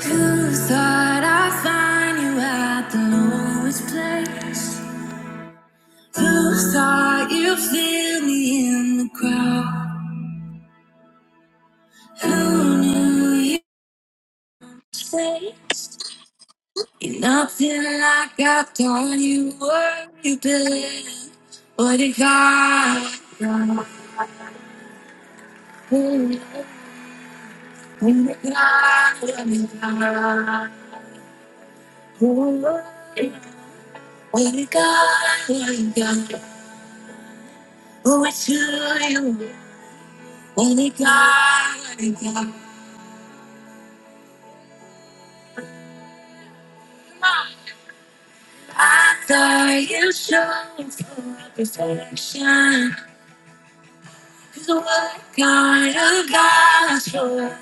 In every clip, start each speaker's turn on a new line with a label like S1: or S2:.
S1: Who thought I'd find you at the lowest place? Who thought you'd feel me in the crowd? Who knew you'd stay? You're nothing like I thought you were. You've been what you got. got, What you got, what you got. What you got, what you got. What you got, what you Only God, God, I thought you showed for perfection. Cause what kind of God for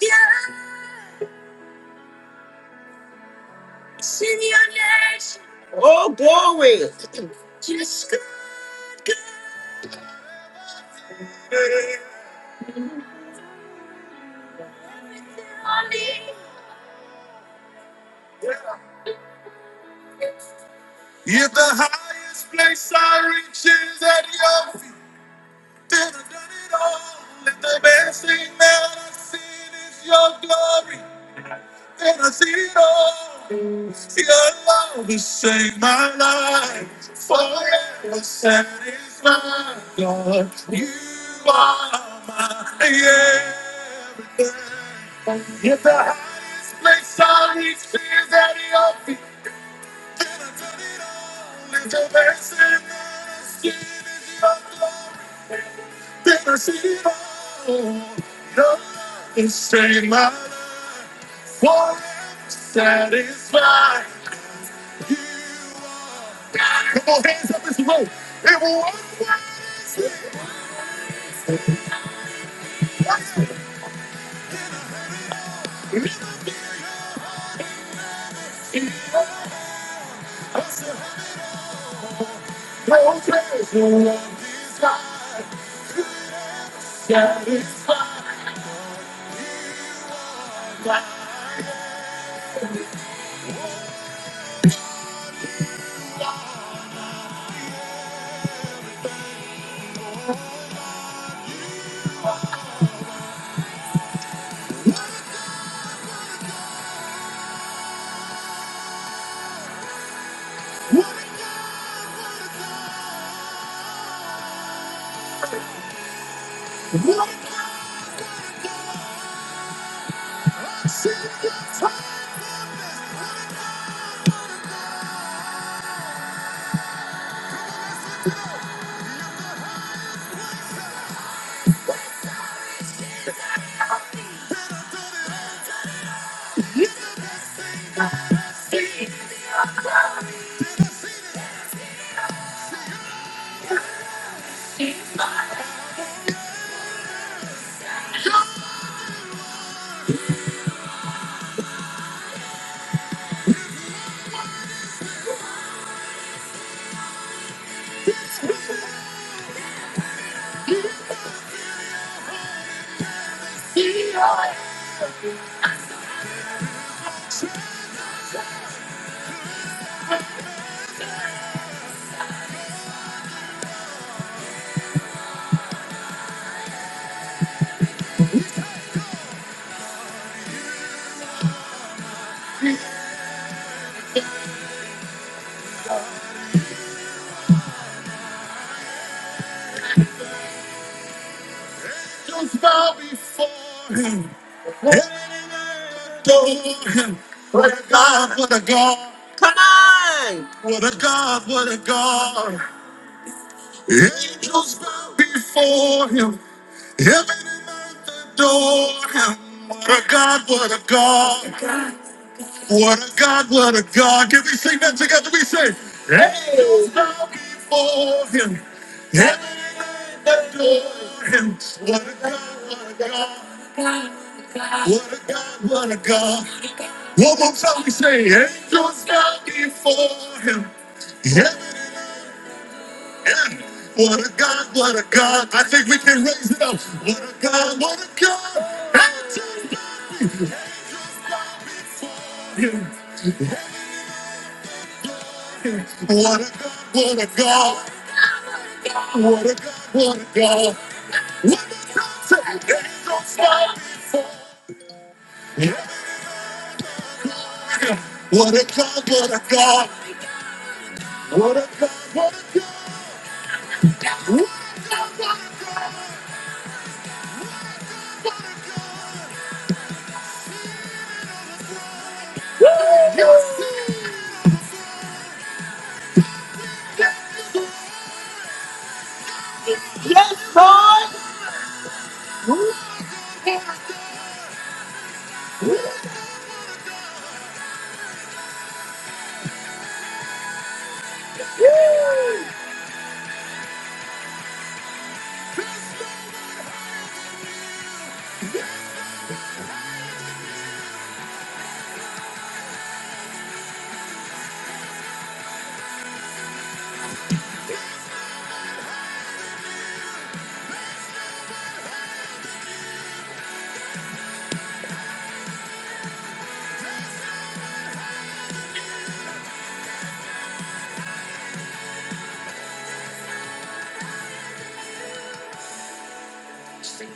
S1: Yes, in your nation. Oh, glory. Just good, good. If the highest place I reach is at your feet, then I've done it all. And the best thing that I've seen is your glory. And I see it all. Your love has saved my life. Forever satisfied, God. You are my everything. If the highest place I reach is at your feet, then I turn it all into blessing. and I see it all. Then I see it all. Your love has saved my life. Forever satisfied. Come on, hands up as you roll. It will always be No treasure of this life satisfied by what single time Yeah, just bow before Him. What a God, what a, what a God, what a God. Angels bow before Him. Heaven and earth adore Him. What a God, what a God. What a God, what a God. Can we sing that together? We say, Angels bow before him. Heaven and earth adore him. What a God, what a God. What a God, what a God. One more time we say, Angels bow before him. Heaven and earth. What a God, what a God. I think we can raise it up. What a God, what a God. Angels bow before him. What a God, what a God. What a God, what a God. What a God, what a God, what a God, what a God. Yes, Lord.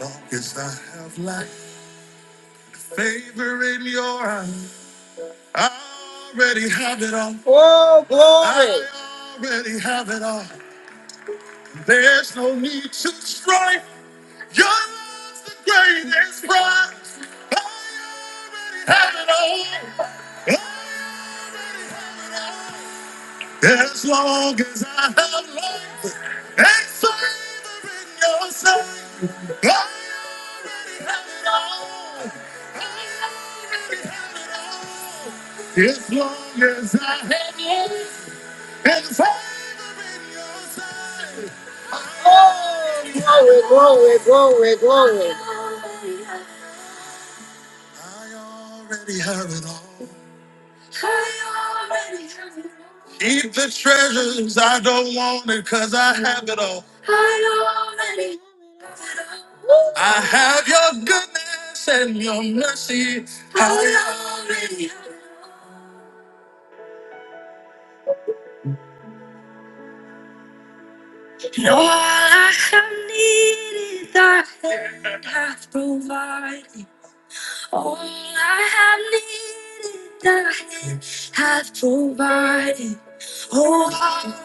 S1: Long as I have life, favor in your eyes, I already have it all. Oh, glory. I already have it all. There's no need to strive. Your love's the greatest prize. I already have it all. I already have it all. As long as I have life and favor in your sight, I already have it all. Already have it all. As long as I have life and favor in your sight. I Glory, glory, glory, glory. glory. I already have it all. Keep the treasures. I don't want it because I have it all. I have your goodness and your mercy. I already have it All All I have needed, thy hand hath provided. All I have needed, thy hand hath provided. Oh, all I have needed,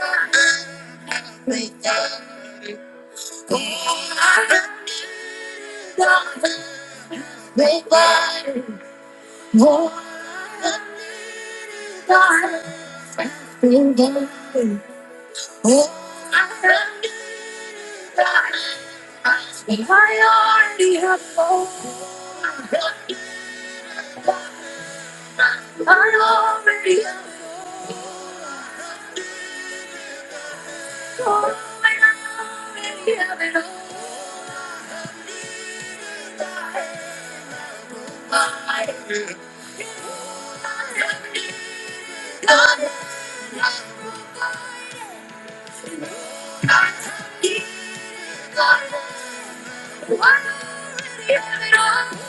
S1: thy hand hath provided. I already have hope. I already have hope. I already have it all. I already have it all.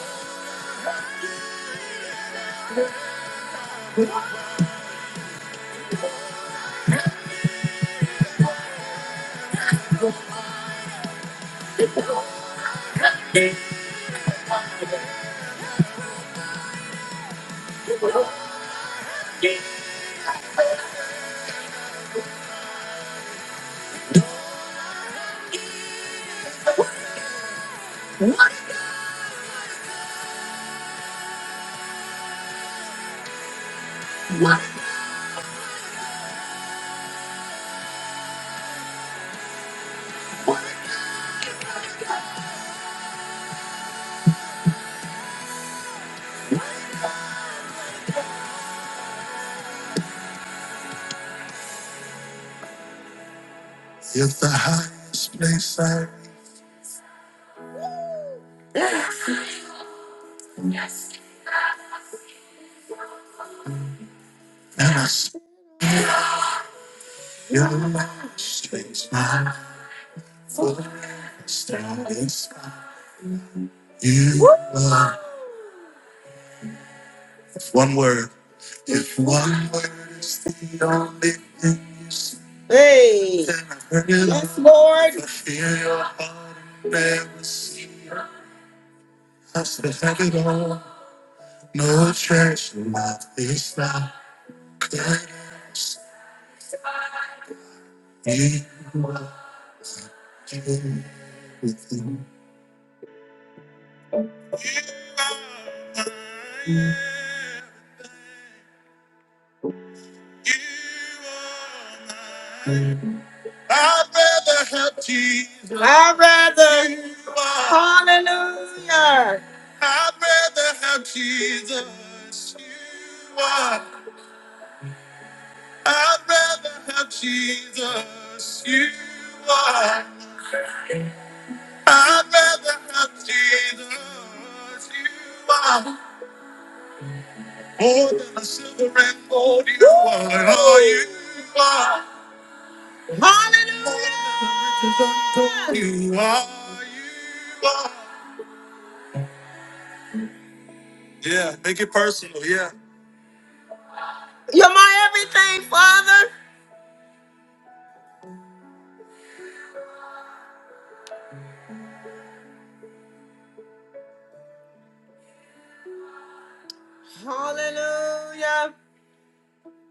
S1: If the highest place I yes. and I see your last face, my standing you. are. One word. If one word is the only thing you see, hey. then I really yes, Lord. I feel your heart never see. I said, have it all. No church, love is not good. You are everything. You are I'd rather have Jesus. I'd rather. You are. Hallelujah. I'd rather have Jesus. You are. I'd rather have Jesus. You are. I'd rather have Jesus. You are. More than a silver and gold. You are. Oh, you are. Hallelujah. You are. You are. Yeah, make it personal. Yeah. You're my everything, Father. Hallelujah.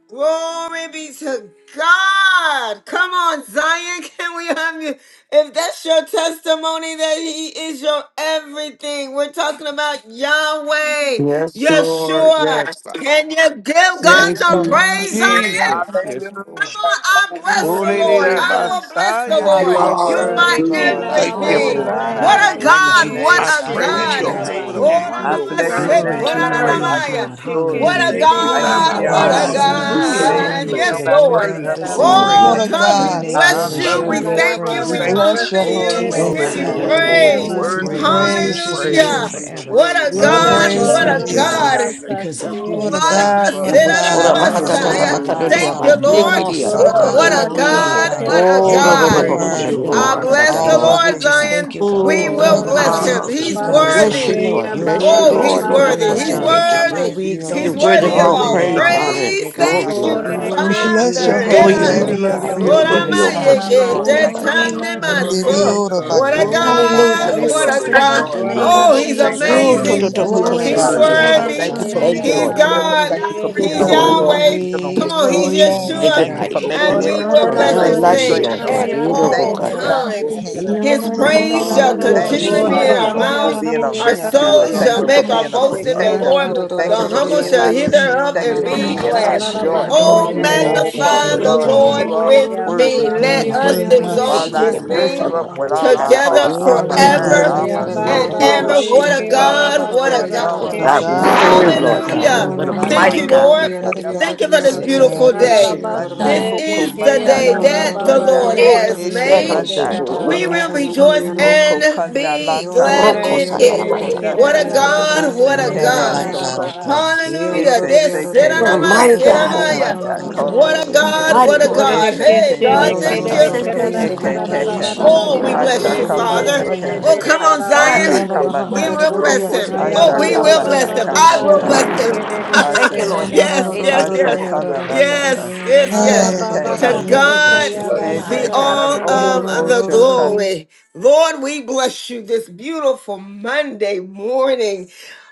S1: Glory be to God. Come on, Zion. Can we have you? If that's your testimony that He is your everything, we're talking about Yahweh,
S2: Yes,
S3: I
S2: Lord.
S1: Yeshua.
S2: Yes, God.
S1: Can you give
S3: bless
S4: Yes,
S1: God
S3: your
S2: Thank
S1: some
S4: Lord.
S2: you,
S3: name,
S1: praise, Zion?
S2: Jesus. Yes,
S4: Hallelujah.
S2: Lord.
S1: I
S4: Thank
S1: will
S4: you,
S1: bless
S2: Oh,
S1: the
S2: they did
S1: Lord.
S4: Jesus.
S2: it
S1: I
S2: by
S5: Hallelujah.
S1: will bless the
S2: Messiah, they
S4: You
S1: Lord.
S2: did
S4: are
S2: it, oh,
S1: You're my
S4: worthy,
S5: Glory
S2: Lord.
S3: you're
S5: ke
S6: Hallelujah.
S4: Lord.
S5: la
S3: my
S4: I
S5: la
S6: Thank you,
S5: ba
S3: all
S2: Oh,
S4: bless
S3: and
S1: everything.
S4: your
S5: ha
S6: Lord.
S3: I
S2: God,
S5: ya
S4: name.
S2: I
S5: la
S7: Hallelujah.
S4: I
S3: have
S1: What
S5: la
S1: a
S2: say
S7: Thank
S5: ba
S7: you,
S4: bless your
S1: God.
S2: thank
S1: What
S5: ke
S2: you.
S6: I
S4: name.
S7: Jesus.
S1: a
S4: I
S5: she
S7: Glory
S6: praise
S7: to
S4: bless
S5: ke
S4: your
S3: my
S6: your
S7: your
S1: God.
S5: ya
S2: God,
S4: name.
S2: what
S7: name,
S2: a
S5: ba.
S6: holy
S3: exceeding
S6: name.
S7: God.
S4: I
S3: great
S6: You are
S2: wonderful
S4: bless your
S2: God
S6: worthy
S2: we
S5: La
S3: reward.
S7: Glory
S6: to
S5: la
S7: to
S4: name,
S6: be
S5: la
S7: your
S5: la
S4: Father.
S2: serve.
S5: ba
S4: I
S7: name,
S6: praised.
S2: Lord.
S4: give
S5: ko
S4: you
S7: God.
S5: she ke
S4: glory.
S5: de
S1: What a
S5: de
S7: Hallelujah,
S6: Thank
S5: de
S6: you,
S2: Oh,
S5: de
S4: I
S7: God.
S5: de
S2: da,
S4: give
S1: God.
S5: de
S6: God.
S2: ba,
S3: I
S4: you
S5: de
S7: From
S2: ba,
S7: the
S1: What
S4: honor
S1: a
S2: ba,
S6: Hallelujah.
S3: bless
S5: wo
S3: your
S5: la
S4: and
S2: you
S7: rising
S4: give
S7: of
S5: la
S3: name
S7: the
S4: you
S5: la
S3: this
S2: shake
S5: ba
S4: praise,
S1: God.
S2: it,
S7: sun
S3: name.
S4: for
S6: You
S2: oh,
S7: to
S6: are
S1: Yes,
S7: the
S5: she
S4: nobody
S7: going
S4: can
S1: Lord.
S5: de
S7: down
S6: worthy
S7: of
S5: de
S4: love
S7: the
S6: to
S4: me
S5: la
S6: be
S5: ba.
S7: same,
S4: like
S3: Oh,
S2: oh,
S4: you
S7: God,
S8: What
S1: Oh,
S6: praised.
S8: a
S2: yes,
S4: can.
S1: God,
S3: Randana
S2: God.
S1: we
S7: your
S8: God,
S7: name
S4: I
S8: what a
S6: I
S7: will
S3: Masa,
S1: bless
S4: honor
S7: and
S4: you
S1: you.
S6: love
S8: God.
S7: shall
S6: you,
S5: La
S1: We
S5: la
S7: be
S4: today,
S5: la
S6: Lord,
S1: thank
S5: ba
S6: and
S4: Father.
S6: I
S1: you.
S7: praised,
S8: We
S5: da
S1: We
S5: da
S6: thank
S7: God.
S5: ko
S8: bless
S6: you.
S1: honor
S8: your
S4: I
S7: Oh,
S4: just
S8: holy
S1: you.
S5: she
S4: want
S1: We
S7: taste
S5: de
S4: to
S7: and
S8: name,
S2: Yes,
S5: de
S8: O
S1: give
S4: thank
S1: you
S7: see
S5: de
S2: God,
S4: you.
S7: that
S5: de
S2: it
S7: the
S4: I
S8: God.
S5: de
S2: goes
S6: Hallelujah.
S7: Lord
S4: just
S5: la
S2: so
S6: You're
S1: praise.
S4: want
S5: ba.
S3: oh,
S4: to
S7: is
S8: We
S2: good.
S6: worthy
S7: good and
S4: praise
S6: to
S4: you.
S7: his
S3: Randana
S6: be
S8: praise you,
S7: mercies
S3: Masa,
S4: Thank
S7: endure
S6: praised.
S4: you
S1: Hallelujah.
S4: for
S8: Jesus.
S4: your
S7: forever.
S1: What
S4: word.
S1: a
S8: We
S5: Wo
S7: And
S6: I
S4: Thank you
S7: Lord,
S5: da
S4: for
S7: we
S2: You
S1: God.
S6: praise
S5: ko
S4: your
S8: praise
S7: just
S6: your
S1: What
S2: praise
S8: you,
S1: a
S5: la
S7: thank
S2: the
S4: healing.
S7: you,
S6: holy
S5: la la
S4: Thank you
S2: Lord.
S7: God,
S6: name.
S5: ba
S4: for
S1: God.
S8: Jesus.
S4: your
S6: Thank
S5: sa
S7: because of
S2: Yes,
S6: you,
S4: deliverance.
S7: who
S2: God.
S5: she
S8: What
S6: Jesus.
S8: a
S5: de
S7: you
S5: de
S4: Thank
S7: are
S4: you
S8: God,
S5: ke
S4: for a
S8: what
S5: la
S8: a
S7: and
S5: la
S4: peace
S7: what
S5: la
S4: of
S7: you
S5: la
S8: God,
S9: Ora
S5: la
S8: what
S3: Randana
S8: a
S5: ba.
S4: mind,
S9: bakatata
S7: represent
S4: God.
S7: in
S9: la
S3: Masa,
S8: God,
S7: our
S4: Thank you
S8: what a
S4: for
S6: Hallelujah.
S7: lives,
S2: Yes,
S9: bakadoria
S1: Thank
S8: God,
S4: walking
S3: Randana
S1: you,
S7: God.
S6: Thank
S4: in
S6: you,
S7: You're an
S1: Lord.
S6: Lord.
S4: peace,
S9: basekiria
S5: Wo
S1: Woo,
S2: God.
S8: what
S7: awesome
S8: a
S4: God.
S5: la ba
S7: God.
S1: What
S9: basando.
S7: You
S8: God
S5: sa
S7: are
S1: a
S4: Oh,
S5: she
S8: you
S7: mighty,
S6: Hallelujah.
S4: God,
S5: ke
S1: God.
S8: are.
S5: te
S4: thank
S7: God.
S1: What
S5: de
S4: you,
S1: a
S5: ke
S9: Oh,
S4: Lord
S7: You
S5: de
S6: I
S9: ro
S7: are
S5: de
S4: God,
S9: ro
S4: where
S7: a
S9: ro
S5: de
S8: You
S1: God.
S4: you
S3: Masa.
S5: de
S6: praise
S4: say
S8: are
S2: Yes,
S4: in
S6: you,
S7: wonderful
S5: de
S4: your
S9: bakandoria la
S5: la
S1: I
S7: God.
S6: Lord.
S5: la
S8: an
S4: word,
S1: bless
S9: basata,
S5: ba.
S4: St.
S1: the
S7: And
S4: John
S9: Lord.
S7: Lord, we
S1: Lord,
S8: almighty
S7: just
S8: God.
S4: 14
S7: thank
S1: Zion.
S7: you, God,
S1: We
S7: for
S4: and
S1: will
S5: Oh, ra
S8: Thank
S9: Oh,
S4: of
S7: covering
S8: you,
S5: ra
S1: bless
S7: us
S5: ra
S7: and
S1: him.
S7: for
S4: us.
S5: ra
S8: Jesus.
S1: He's
S5: ba
S7: keeping
S4: Uh,
S6: Hallelujah.
S7: us,
S5: ka
S4: uh,
S9: bless
S1: worthy.
S9: you,
S7: God.
S8: Hallelujah.
S5: she
S9: Lord.
S5: ya
S4: uh,
S7: You're
S2: God.
S5: ba
S4: so
S9: Bless you,
S5: ba
S4: you
S1: Oh,
S7: worthy
S5: ba
S4: say
S7: to
S9: Lord.
S1: he's
S5: ba
S4: you
S7: be
S9: Lord,
S5: ra
S9: Lord,
S4: leave
S1: worthy.
S5: ra
S4: your
S9: Lord,
S7: praised,
S5: ra
S1: He's
S8: Thank
S5: de
S6: Shandalo
S7: God.
S5: de
S8: you,
S4: word.
S5: ra
S4: I
S9: Sekete.
S4: mean,
S5: ba.
S7: Lord,
S1: worthy.
S8: Jesus.
S4: you
S7: we
S8: You
S4: leave your
S8: are
S9: You're
S1: He's
S2: Hmm.
S7: exalt your
S4: peace
S9: worthy
S2: Hmm.
S6: Bosata,
S9: of
S1: worthy
S4: not
S7: name.
S1: of
S9: all
S4: as
S7: We
S4: the
S8: worthy,
S1: all
S2: Hmm.
S8: O
S9: praise,
S2: Hmm.
S8: God.
S4: worldly.
S9: honor,
S7: magnify
S9: and
S1: praise.
S7: you,
S6: Yellow
S4: Let
S7: God.
S9: glory,
S1: Thank
S4: not
S5: Oh,
S4: your
S9: Lord
S1: you,
S5: re
S7: We
S5: re
S4: heart
S9: God.
S4: be
S8: We
S5: ke re
S4: troubled.
S7: worship you,
S9: We
S8: bless
S5: re
S8: your
S7: Lord,
S1: Father.
S5: ke
S7: in the
S1: Hit
S9: adore
S5: re
S8: holy
S5: ra
S9: you,
S8: name.
S1: us.
S4: Neither
S5: ra
S9: Lord
S7: beauty
S5: ra
S4: let
S7: of
S5: ba
S4: it
S7: your
S9: God.
S4: be
S9: Did you
S5: she
S9: give
S4: afraid.
S7: holiness,
S5: ra
S9: your
S5: ra
S4: Thank
S7: God.
S4: you,
S5: ra
S9: worship
S5: ba.
S1: Soramayeke
S9: with
S4: Lord.
S7: Oh,
S9: you,
S4: Thank
S9: Abba,
S7: Lord,
S4: you,
S7: we
S9: Father?
S4: Jesus.
S7: love
S4: Thank
S7: your
S4: you for
S1: tetanemaso.
S7: name.
S4: your
S8: Andidiora
S4: love, your
S1: What a
S9: Ooh,
S7: Lord,
S8: bakandara
S7: we
S4: kindness, your
S1: God.
S9: Hallelujah.
S7: love
S8: batara
S7: is
S4: peace,
S1: What a
S4: your
S7: something
S1: God.
S7: about the
S4: joy.
S5: Oh, ra
S8: basiria.
S5: ra
S7: name
S1: Oh,
S5: ra de
S1: he's
S5: de
S4: Thank you,
S5: ke
S9: Oh,
S5: re
S7: Jesus.
S4: Lord,
S9: to
S5: re
S1: amazing.
S4: for
S9: to to
S5: ke re
S4: your
S5: re
S7: Oh,
S4: healing
S5: ke
S7: it's
S1: He's
S4: power.
S5: re re
S7: something
S9: bakasekiria
S5: ke re
S7: about
S4: Thank
S1: worthy.
S7: your
S4: you
S9: basata.
S5: ke
S4: for
S5: re
S4: being
S5: ra
S9: Thank
S7: name,
S9: you,
S5: ra
S8: Ikiyarabakandarabakaraba.
S1: He's
S7: oh,
S9: Lord
S4: a
S5: ra
S9: God.
S5: ba
S4: deliverer.
S1: God.
S4: Thank
S7: Lord.
S5: she
S4: you for
S5: ra
S9: Thank
S4: being
S9: you,
S1: He's
S4: a
S5: ra ba.
S4: wheel
S9: Holy
S4: in the
S9: Father.
S7: Oh,
S1: Yahweh.
S4: middle of
S7: we
S1: Come
S4: wheel.
S8: Kandarabakaraba.
S1: on,
S3: Oh,
S1: he's
S7: exalt your
S9: Thank
S7: name,
S3: yes,
S9: you,
S1: Yeshua.
S4: Thank you
S7: God.
S9: Mighty
S4: for
S9: God.
S5: Oh,
S4: making
S1: And we
S4: every
S5: ra ra
S1: will
S9: There's
S4: crooked
S5: ra
S1: bless
S5: ba ra
S9: none
S1: his
S4: place
S5: re
S9: like you,
S2: Hmm.
S5: ke
S4: straight,
S1: name
S3: hallelujah,
S9: Lord
S5: she
S4: Lord.
S1: at
S5: de de de
S4: Thank
S5: de
S1: all
S4: you
S5: de
S4: for
S5: de
S9: God.
S4: binding
S5: de
S1: times.
S5: de
S4: the
S7: Yeah,
S5: de
S4: hand of
S5: de.
S1: His
S4: the enemy,
S9: I
S1: praise
S4: God.
S1: shall
S4: Thank
S1: continually
S4: you,
S5: Oh,
S1: be
S5: ra
S4: God,
S1: in
S3: hallelujah,
S1: our
S5: ke
S4: for oh,
S1: mouths
S5: she ke
S4: being a
S5: re
S1: our
S5: ka ra ra
S4: rescuer.
S1: souls
S5: ra
S4: Thank
S1: shall
S4: you
S5: ra
S4: for
S1: make
S5: ba
S1: our
S9: thank
S4: being a
S9: you,
S5: she
S1: boast
S9: Lord
S1: in
S9: God.
S5: ke
S1: the
S5: ra
S4: protector.
S9: Thank
S5: ra
S9: you,
S1: Lord.
S5: ra
S9: waiting
S1: The
S9: that
S5: ba.
S4: Thank you for
S9: Christmas.
S1: humble
S6: Bosite,
S4: being
S1: shall
S4: my
S1: hear
S4: peace.
S1: thereof
S4: Thank
S1: and
S4: you
S9: Thank
S4: for
S9: you for
S1: be
S4: being my
S1: glad.
S9: salvation, Lord
S4: joy,
S9: God.
S4: Lord.
S5: Alalabashe
S1: Oh,
S4: Oh,
S9: We
S5: de
S9: thank you
S4: Father
S1: magnify
S9: for
S5: de
S1: the
S9: your
S8: Indiyarabakoraba.
S5: de
S4: God,
S9: battle
S1: Lord
S9: for
S5: ke
S4: you are
S9: blessing,
S1: with
S5: shaya
S9: Lord
S5: ba
S9: God.
S4: worthy
S1: me.
S5: ba
S4: to
S5: ba
S4: be
S1: Let
S5: ba.
S1: us
S9: Thank you
S4: praised.
S9: for
S8: Okuraba.
S9: your
S1: exalt
S4: Father,
S9: goodness
S4: I
S9: and
S1: his
S9: your
S4: lift
S9: mercy,
S1: name
S4: you up
S9: Lord
S4: with
S9: God. Da,
S4: all
S9: da,
S4: my
S9: da, ba,
S1: together
S9: ka,
S4: heart,
S9: ba,
S4: all my
S9: ba, ka.
S4: mind,
S1: forever
S4: all
S5: Shaya
S4: my
S5: bam
S1: and
S4: soul,
S5: bam
S8: Handiyarabakorabaka.
S4: all
S1: ever.
S4: my
S5: bari
S1: What
S4: being,
S1: a
S5: ke
S4: Father.
S5: ola
S1: God!
S5: ba
S1: What
S4: There
S1: a
S4: is
S5: kora
S4: no
S9: Oh,
S4: one
S8: What
S1: God!
S8: a
S5: ke de
S4: like
S9: God, we
S5: de
S4: you.
S5: de
S8: God,
S4: Thank
S5: de
S8: what
S4: you
S8: a
S9: serve,
S5: de
S4: for
S3: Thank
S2: Oh
S4: what
S5: da
S9: Lord
S3: you,
S8: God,
S4: you're
S3: God.
S5: ba.
S9: God.
S8: what a
S1: Hallelujah.
S4: doing
S9: What
S4: in
S9: a
S4: my
S8: God.
S1: Thank
S9: mighty
S4: life.
S1: you,
S2: Thank
S9: God we
S1: Lord.
S8: What
S9: serve,
S8: a
S9: Lord
S8: God,
S4: Hashakandala
S1: Thank
S9: God.
S1: you for
S8: what
S1: this
S8: a
S1: beautiful
S8: God, what
S1: day.
S4: Heke manda
S1: This
S5: Alalabashe de
S4: koko
S1: is the
S5: ke ya
S8: a
S7: Yo
S4: manda
S1: day
S5: ba
S7: no no
S5: ba
S4: koko
S8: God. What a
S1: that
S7: no
S8: God,
S5: ba
S7: no
S1: the
S8: what
S7: no
S8: a
S7: no
S5: bari
S4: manda.
S1: Lord
S5: de
S7: no
S9: Eh,
S7: no
S8: God,
S7: no
S5: ke
S1: has
S8: what
S7: be
S8: a
S7: yada
S4: Heke
S5: she
S7: da
S9: Stand
S1: made
S7: be
S5: de
S9: on
S5: de
S9: your
S8: God.
S7: shi
S4: manda
S5: da
S7: yada
S5: da
S9: word,
S7: da be
S5: da
S1: we
S9: Lord God.
S7: yana
S1: will
S5: ba.
S7: na
S4: koloshi.
S7: na da be
S1: rejoice
S7: yada.
S3: Hallelujah.
S4: Oko
S1: and
S4: kanda
S1: be
S7: Yo
S4: lasa
S7: no no
S1: glad
S7: no no
S5: Ora
S9: Roko,
S7: be
S1: in
S9: sa,
S4: kapoko
S7: yada
S5: ke
S7: da
S9: da,
S7: be
S9: da,
S5: de
S1: it.
S9: ba,
S5: de
S7: yada
S4: koko
S7: da
S9: da,
S5: ke
S9: da,
S7: yada da
S5: da
S9: da,
S1: What
S7: be
S4: nata.
S5: da
S9: da,
S1: a
S5: da
S7: yana na
S5: da
S9: da.
S7: na na
S5: ba
S1: God,
S7: na
S1: what
S7: na
S4: Ese
S1: a
S5: she de
S7: na na
S5: da
S4: kema
S7: na
S5: da
S1: God.
S5: da
S7: yada.
S5: ba
S8: Handiyarabakoraba.
S5: ha.
S4: sokoto.
S3: Hallelujah.
S7: Yo no
S1: Hallelujah.
S7: no
S4: Ese
S7: no be
S1: This
S7: yada da
S1: sit
S4: seke
S7: be
S1: on
S9: What a
S7: yada da
S1: my
S4: manda
S9: mighty
S7: yada da
S1: sit
S7: da
S1: on
S7: be
S9: God,
S4: koko
S7: yana
S1: my
S7: na na
S4: manda
S7: na na na
S8: Handarabakaraba.
S7: na da
S1: what a
S7: be yada
S8: Harabakaraba.
S7: da
S4: koloshike.
S1: God,
S7: be
S9: mighty
S1: what a
S7: yada da
S9: God.
S5: Ora
S7: ba.
S5: de
S1: God.
S4: Ese
S5: ke
S1: Hey
S4: ke
S5: she
S1: God,
S5: de
S7: Yo no
S5: ke
S7: no
S1: thank
S9: Ooh,
S5: de
S7: no
S4: mantaka.
S5: de
S1: you.
S7: no
S9: says,
S5: ke
S7: no
S5: da
S7: be
S9: good,
S5: da
S7: yada
S9: say,
S7: da be
S9: da,
S5: da
S4: Eke
S9: da,
S5: da
S8: Kiriyarabakaraba.
S7: yada
S5: da
S7: da
S9: da,
S5: da
S7: be
S9: ba,
S5: da
S4: keke.
S7: shi
S9: da,
S5: da da
S7: yada
S9: da.
S7: da
S1: Oh, we
S5: ka
S7: yana da da
S1: bless
S5: she
S1: you,
S7: bo
S4: Ashaka
S7: bo
S5: de de
S7: yada da
S1: Father.
S7: be
S5: de de
S4: manteke.
S1: Oh,
S7: yada.
S5: de
S9: What a
S8: Hakaraba.
S5: de
S1: come
S5: da
S1: on,
S9: mighty
S5: da ba.
S9: God we
S7: Yana
S1: Zion.
S7: na
S4: Ashaka
S9: serve.
S7: na na na
S1: We
S7: da
S4: manda.
S7: da
S1: will
S7: bo bo
S9: Oro
S1: bless
S7: yada da
S1: him.
S7: be
S9: kose de
S5: Haya
S7: yada
S9: bede
S1: Oh,
S7: da
S9: de
S7: be
S5: ba
S1: we
S4: Ashaka
S7: yada
S5: ba
S9: yaba
S7: da
S1: will
S7: be
S5: ba
S9: sata
S1: bless
S4: manda
S7: yada
S5: ba
S9: da
S1: him.
S7: da
S9: ba
S7: be
S5: ba
S1: I
S7: shi
S5: ba
S9: sata.
S1: will
S7: yada da
S4: kamata.
S5: ye
S1: bless
S7: be yada
S1: him.
S7: da
S5: kere
S7: ba.
S5: de de
S9: Thank
S5: de
S9: you,
S4: Ase.
S5: de
S9: Lord
S5: da ba.
S9: Jesus.
S1: yes,
S9: Ede
S1: yes,
S9: de de
S1: yes.
S4: Asa
S9: yoko kada
S4: kana
S9: de
S4: na
S9: yama.
S4: na na.
S1: Yes, yes,
S5: Haya
S1: yes.
S5: ba ba
S1: To
S5: ba
S4: Eke
S5: de de
S1: God
S8: Arabakarabakarabaka.
S5: kaya
S9: You're
S5: da
S4: Hey,
S9: God
S5: ka
S1: be
S7: Yano
S9: and
S5: da
S9: God
S4: Seke.
S1: all
S5: kaya
S9: alone.
S1: of the
S4: Osho Kan.
S1: glory. Lord, we bless you this beautiful Monday morning.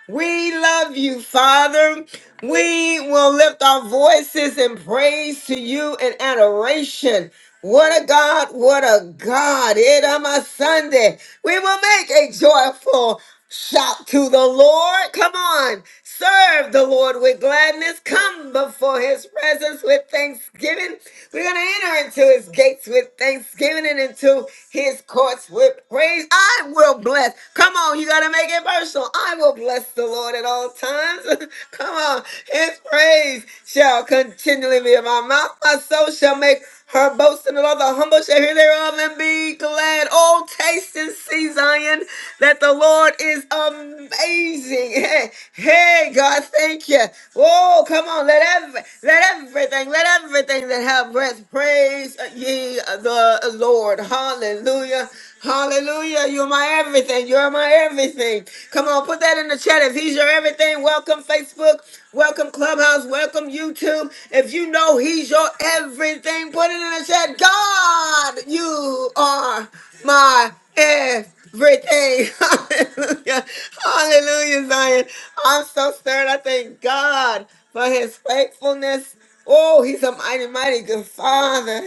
S1: We love you, Father. We will lift our voices in praise to you in adoration. What a God, what a God. It on my Sunday. We will make a joyful shout to the Lord. Come on. Serve the Lord with gladness. Come before his presence with thanksgiving. We're going to enter into his gates with thanksgiving and into his courts with praise. I will bless. Come on. You got to make it personal. I will bless the Lord at all times. Come on. His praise shall continually be in my mouth. My soul shall make her boasting and all the humble shall hear thereof and be glad. Oh, taste and see, Zion, that the Lord is amazing. Hey, hey God, thank you. Oh, come on. Let, every, let everything, let everything that have breath praise ye the Lord. Hallelujah. Hallelujah. You're my everything. You're my everything. Come on, put that in the chat. If he's your everything, welcome Facebook, welcome Clubhouse, welcome YouTube. If you know he's your everything, put it in the chat. God, you are my everything. Hallelujah. Hallelujah, Zion. I'm so stirred. I thank God for his faithfulness. Oh, he's a mighty, mighty good father.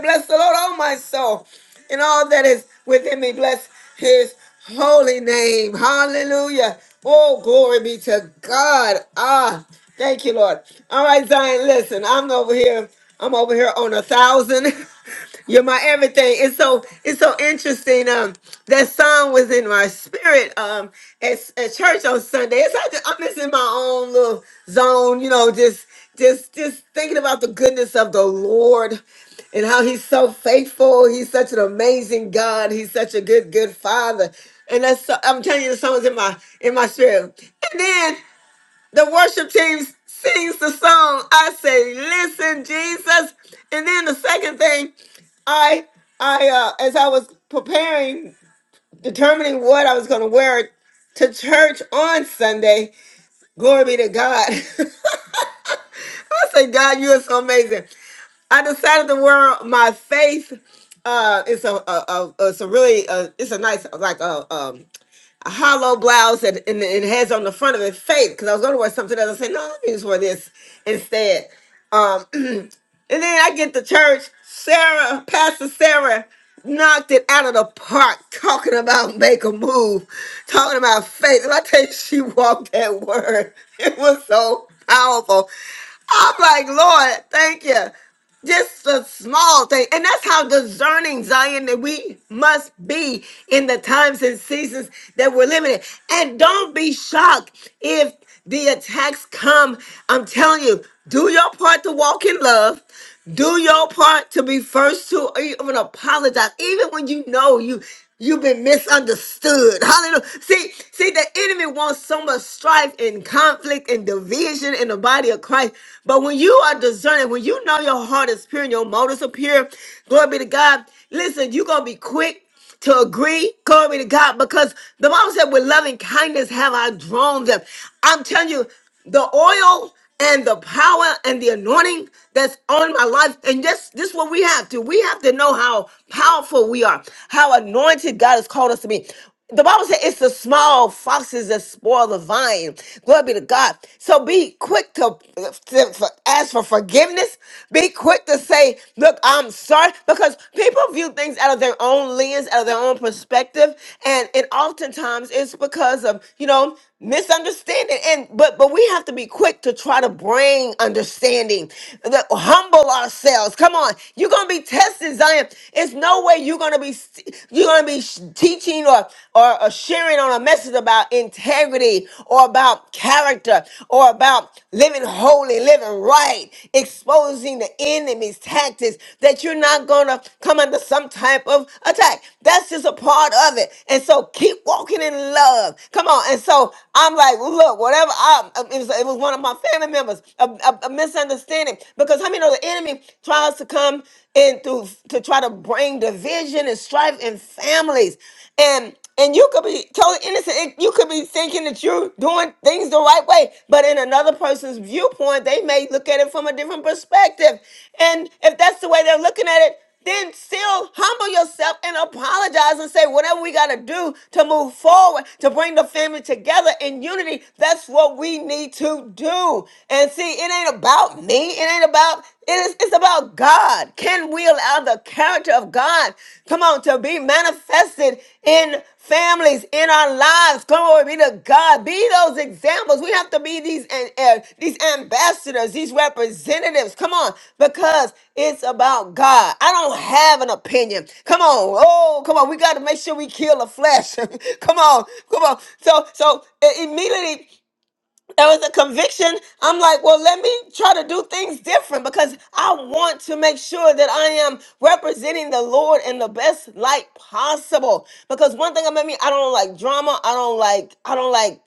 S1: Bless the Lord, oh my soul and all that is within me. Bless his holy name. Hallelujah. Oh, glory be to God. Ah, thank you, Lord. All right, Zion, listen, I'm over here. I'm over here on a thousand. You're my everything. It's so it's so interesting. Um, that song was in my spirit. Um, at, at church on Sunday, it's like that I'm just in my own little zone. You know, just just just thinking about the goodness of the Lord and how he's so faithful. He's such an amazing God. He's such a good, good father. And that's so, I'm telling you, the song's in my in my spirit. And then the worship team sings the song. I say, listen, Jesus. And then the second thing, I I uh, as I was preparing, determining what I was going to wear to church on Sunday. Glory be to God. I say, God, you are so amazing. I decided to wear my faith. Uh, it's a, a, a it's a really uh, it's a nice like a um a hollow blouse and, and it has on the front of it faith because I was gonna wear something else. I said no, let me just wear this instead. Um, and then I get to church. Sarah, Pastor Sarah, knocked it out of the park talking about make a move, talking about faith. And I tell you, she walked that word. It was so powerful. I'm like, Lord, thank you. Just a small thing. And that's how discerning, Zion, that we must be in the times and seasons that we're living in. And don't be shocked if the attacks come. I'm telling you, do your part to walk in love. Do your part to be first to even apologize. Even when you know you You've been misunderstood. Hallelujah. See, see, the enemy wants so much strife and conflict and division in the body of Christ. But when you are discerning, when you know your heart is pure and your motives are pure, glory be to God. Listen, you're gonna be quick to agree. Glory to God. Because the Bible said, with loving kindness have I drawn them. I'm telling you, the oil and the power and the anointing that's on my life. And this, this is what we have to. We have to know how powerful we are, how anointed God has called us to be. The Bible says it's the small foxes that spoil the vine. Glory be to God. So be quick to, to for- ask for forgiveness. Be quick to say, look, I'm sorry. Because people view things out of their own lens, out of their own perspective. And, and oftentimes it's because of, you know, misunderstanding and but but we have to be quick to try to bring understanding the, humble ourselves come on you're gonna be tested zion it's no way you're gonna be st- you're gonna be sh- teaching or, or or sharing on a message about integrity or about character or about living holy living right exposing the enemy's tactics that you're you're not gonna come under some type of attack. That's just a part of it. And so keep walking in love. Come on. And so I'm like, look, whatever. I, it, was, it was one of my family members, a, a, a misunderstanding. Because how many know the enemy tries to come in through to try to bring division and strife in families? And and you could be totally innocent. It- You could be thinking that you're doing things the right way, but in another person's viewpoint, they may look at it from a different perspective. And if that's the way they're looking at it, then still humble yourself and apologize and say whatever we got to do to move forward, to bring the family together in unity. That's what we need to do. And see, it ain't about me. It ain't about it is, it's about God. Can we allow the character of God, come on, to be manifested in families, in our lives? Glory be to God. Be those examples. We have to be these, and these ambassadors, these representatives. Come on, because it's about God. I don't have an opinion. Come on. Oh, come on. We got to make sure we kill the flesh. come on. Come on. So, so uh, immediately there was a conviction. I'm like, well, let me try to do things different because I want to make sure that I am representing the Lord in the best light possible. Because one thing about me, I don't like drama. I don't like, I don't like,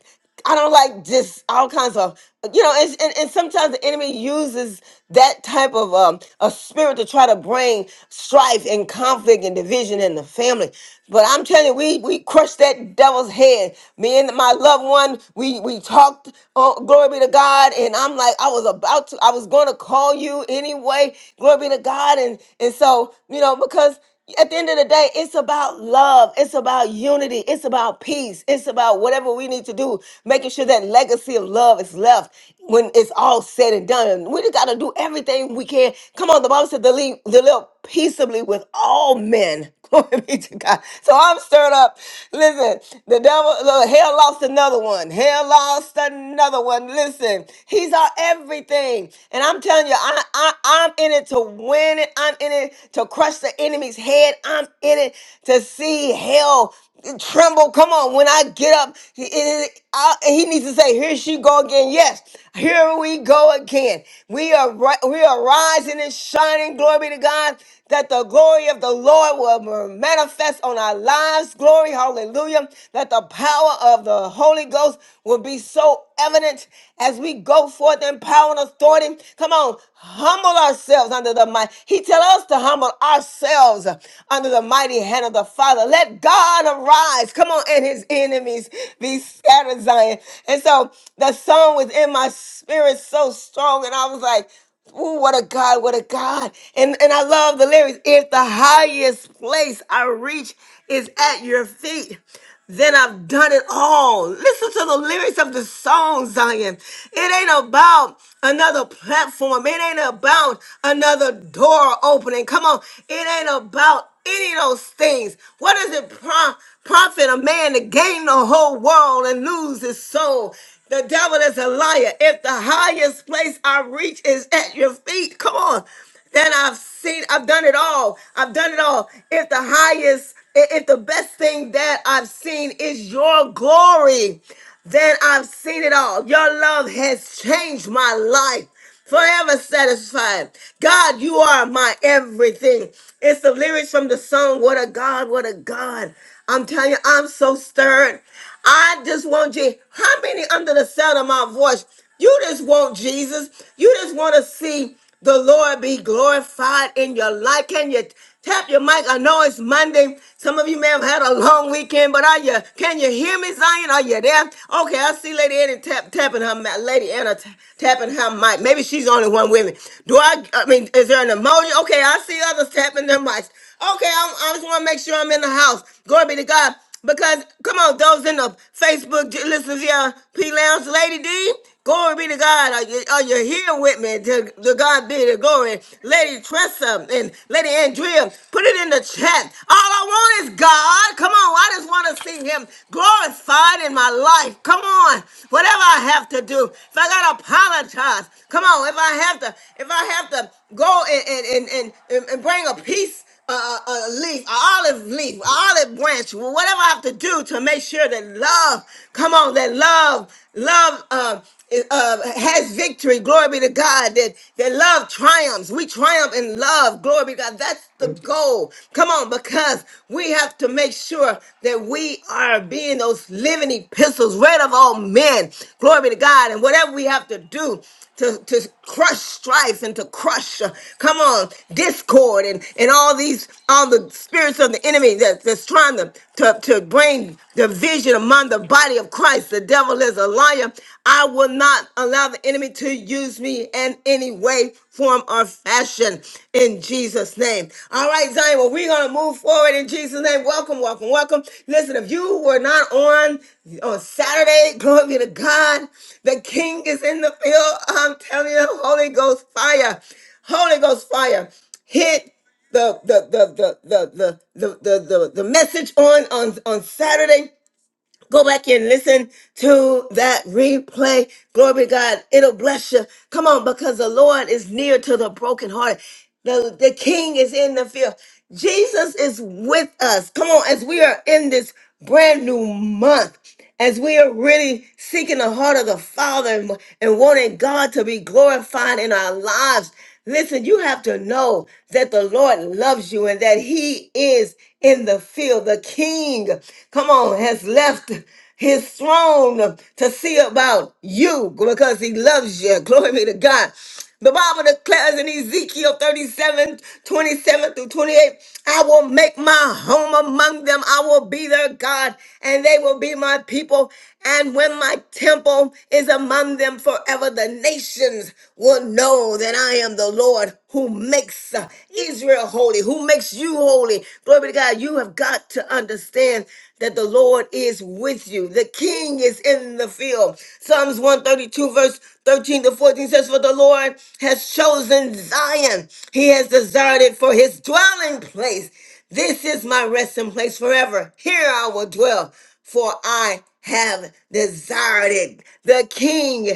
S1: I don't like just all kinds of, you know, and, and, and sometimes the enemy uses that type of um, a spirit to try to bring strife and conflict and division in the family. But I'm telling you, we we crushed that devil's head. Me and my loved one, we we we talked. Oh, glory be to God. And I'm like, I was about to, I was going to call you anyway. Glory be to God. And and so you know because at the end of the day, it's about love. It's about unity. It's about peace. It's about whatever we need to do, making sure that legacy of love is left when it's all said and done. we just got to do everything we can. Come on, the Bible said to live, to live peaceably with all men. Glory be to God. So I'm stirred up. Listen, the devil, look, hell lost another one. Hell lost another one. Listen, he's our everything. And I'm telling you, I, I, I'm in it to win it. I'm in it to crush the enemy's head. I'm in it to see hell tremble. Come on, when I get up, he, I- he needs to say, "Here she go again." Yes, here we go again. We are ri- we are rising and shining. Glory be to God. That the glory of the Lord will manifest on our lives. Glory, hallelujah. That the power of the Holy Ghost will be so evident as we go forth in power and authority. Come on. Come on, humble ourselves under the might. He tell us to humble ourselves under the mighty hand of the Father. Let God arise. Come on, and his enemies be scattered, Zion. And so the song was in my spirit so strong, and I was like, Ooh, what a God, what a God. And and I love the lyrics. If the highest place I reach is at your feet. Then I've done it all. Listen to the lyrics of the song, Zion. It ain't about another platform. It ain't about another door opening. Come on. It ain't about any of those things. What does it pro- profit a man to gain the whole world and lose his soul? The devil is a liar. If the highest place I reach is at your feet, come on. Then I've seen, I've done it all. I've done it all. If the highest, i- if the best thing that I've seen is your glory, then I've seen it all. Your love has changed my life. Forever satisfied. God, you are my everything. It's the lyrics from the song, What a God, What a God. I'm telling you, I'm so stirred. I just want you. How many under the sound of my voice? You just want Jesus. You just want to see the Lord be glorified in your life. Can you tap your mic? I know it's Monday. Some of you may have had a long weekend, but are you? Can you hear me, Zion? Are you there? Okay, I see Lady Anna tap, tapping her mic. Lady Anna ta- tapping her mic. Maybe she's the only one woman. Do I? I mean, is there an emoji? Okay, I see others tapping their mics. Okay, I'm, I just want to make sure I'm in the house. Glory be to God. Because come on, those in the Facebook j- listen, yeah, P Lounge Lady D. Glory be to God. Are you, are you here with me? To, to God be the glory. Lady Tressa and Lady Andrea, put it in the chat. All I want is God. Come on. I just want to see Him glorified in my life. Come on. Whatever I have to do, if I got to apologize, come on. If I have to, if I have to go and, and, and, and, and bring a peace a, a leaf, an olive leaf, an olive branch, whatever I have to do to make sure that love, come on, that love, love uh, is- uh, has victory. Glory be to God. That, that love triumphs. We triumph in love. Glory be to God. That's the goal. Come on, because we have to make sure that we are being those living epistles, read of all men. Glory be to God. And whatever we have to do to, to crush strife and to crush, uh, come on, discord and, and and all these all the spirits of the enemy that, that's trying to, to to bring division among the body of Christ. The devil is a liar. I will not allow the enemy to use me in any way, form, or fashion in Jesus' name. All right, Zion. Well, we're gonna move forward in Jesus' name. Welcome, welcome, welcome. Listen, if you were not on on Saturday, glory be to God. The King is in the field. I'm telling you, Holy Ghost fire. Holy Ghost fire hit the the the the the the the the, the message on on on Saturday. Go back and listen to that replay. Glory to God. It'll bless you. Come on, because the Lord is near to the brokenhearted. The, the king is in the field. Jesus is with us. Come on, as we are in this brand new month as we are really seeking the heart of the Father and, and wanting God to be glorified in our lives, listen, you have to know that the Lord loves you and that He is in the field. The King, come on, has left his throne to see about you because he loves you. Glory be to God. The Bible declares in Ezekiel 37 27 through 28, I will make my home among them. I will be their God, and they will be my people. And when my temple is among them forever, the nations will know that I am the Lord who makes uh, Israel holy, who makes you holy. Glory to God. You have got to understand that the Lord is with you. The king is in the field. Psalms 132, verse 13. Psalm one 13 to 14 says, For the Lord has chosen Zion, he has desired it for his dwelling place. This is my resting place forever. Here I will dwell, for I have desired it. The king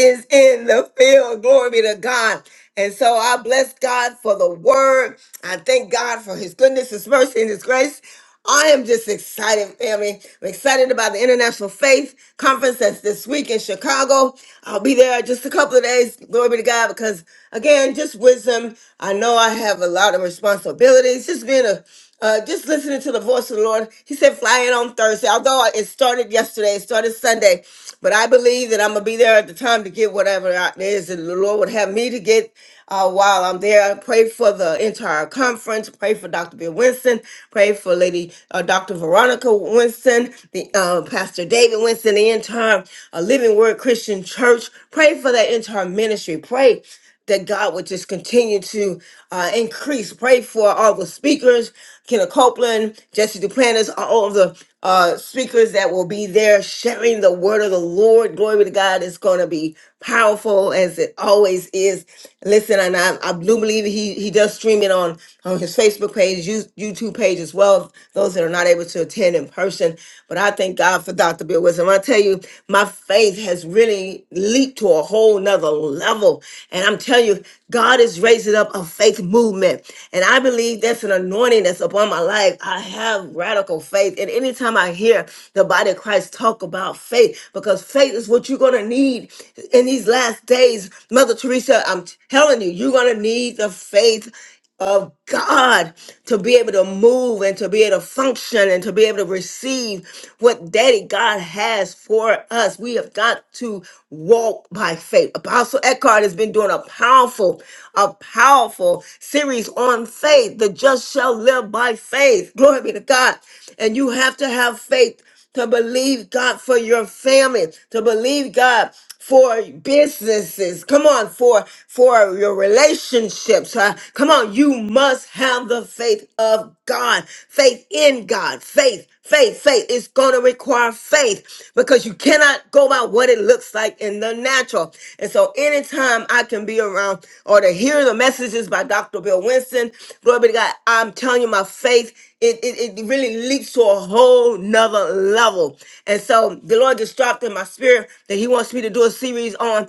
S1: is in the field. Glory be to God. And so I bless God for the word. I thank God for his goodness, his mercy, and his grace. I am just excited, family. I'm excited about the International Faith Conference that's this week in Chicago. I'll be there just a couple of days. Glory be to God, because again, just wisdom. I know I have a lot of responsibilities. Just being a uh, just listening to the voice of the Lord. He said, fly in on Thursday. Although it started yesterday, it started Sunday. But I believe that I'm going to be there at the time to get whatever it is that the Lord would have me to get uh, while I'm there. I Pray for the entire conference. Pray for Dr. Bill Winston. Pray for Lady uh, Dr. Veronica Winston, the uh, Pastor David Winston, the entire uh, Living Word Christian Church. Pray for that entire ministry. Pray that God would just continue to uh, increase. Pray for all the speakers, Kenneth Copeland, Jesse Duplantis, all of the uh, speakers that will be there sharing the word of the Lord. Glory be to God. It's going to be powerful as it always is. Listen, and I, I do believe he, he does stream it on, on his Facebook page, YouTube page as well, those that are not able to attend in person. But I thank God for Dr. Bill Wisdom. I tell you, my faith has really leaped to a whole nother level. And I'm telling you, God is raising up a faith movement. And I believe that's an anointing that's upon my life. I have radical faith. And anytime I hear the body of Christ talk about faith, because faith is what you're going to need in these last days. Mother Teresa, I'm telling you, you're going to need the faith of God to be able to move and to be able to function and to be able to receive what Daddy God has for us. We have got to walk by faith. Apostle Eckhart has been doing a powerful, a powerful series on faith. The just shall live by faith. Glory be to God. And you have to have faith to believe God for your family, to believe God for businesses. Come on, for for your relationships. huh? Come on, you must have the faith of God, faith in God, faith. Faith, faith is going to require faith because you cannot go by what it looks like in the natural. And so, anytime I can be around or to hear the the messages by Dr. Bill Winston. Glory be to God. I'm telling you, my faith, it, it, it really leaps to a whole nother level. And so the Lord just dropped in my spirit that He wants me to do a series on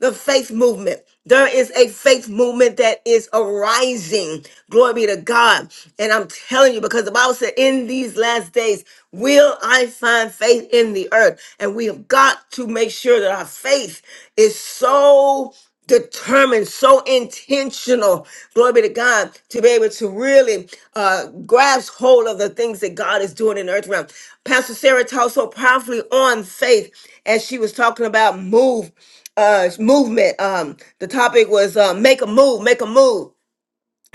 S1: the faith movement. There is a faith movement that is arising. Glory be to God. And I'm telling you, because the Bible said, in these last days, will I find faith in the earth? And we have got to make sure that our faith is so determined, so intentional, glory be to God, to be able to really uh, grasp hold of the things that God is doing in the earth realm. Pastor Sarah taught so powerfully on faith as she was talking about move, uh, movement. Um, the topic was uh, make a move, make a move.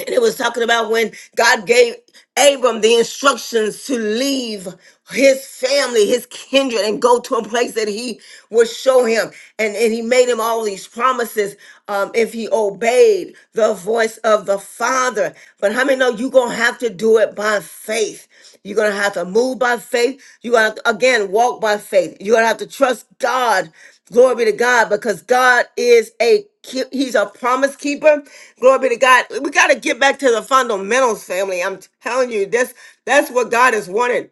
S1: And it was talking about when God gave Abram the instructions to leave his family, his kindred, and go to a place that he would show him. And, and he made him all these promises um, if he obeyed the voice of the Father. But how many know you're going to have to do it? it by faith. You're gonna have to move by faith. You're gonna have to, again walk by faith. You're gonna have to trust God. Glory be to God, because God is a keep- He's a promise keeper. Glory be to God. We gotta get back to the fundamentals, family. I'm telling you, that's that's what God has wanted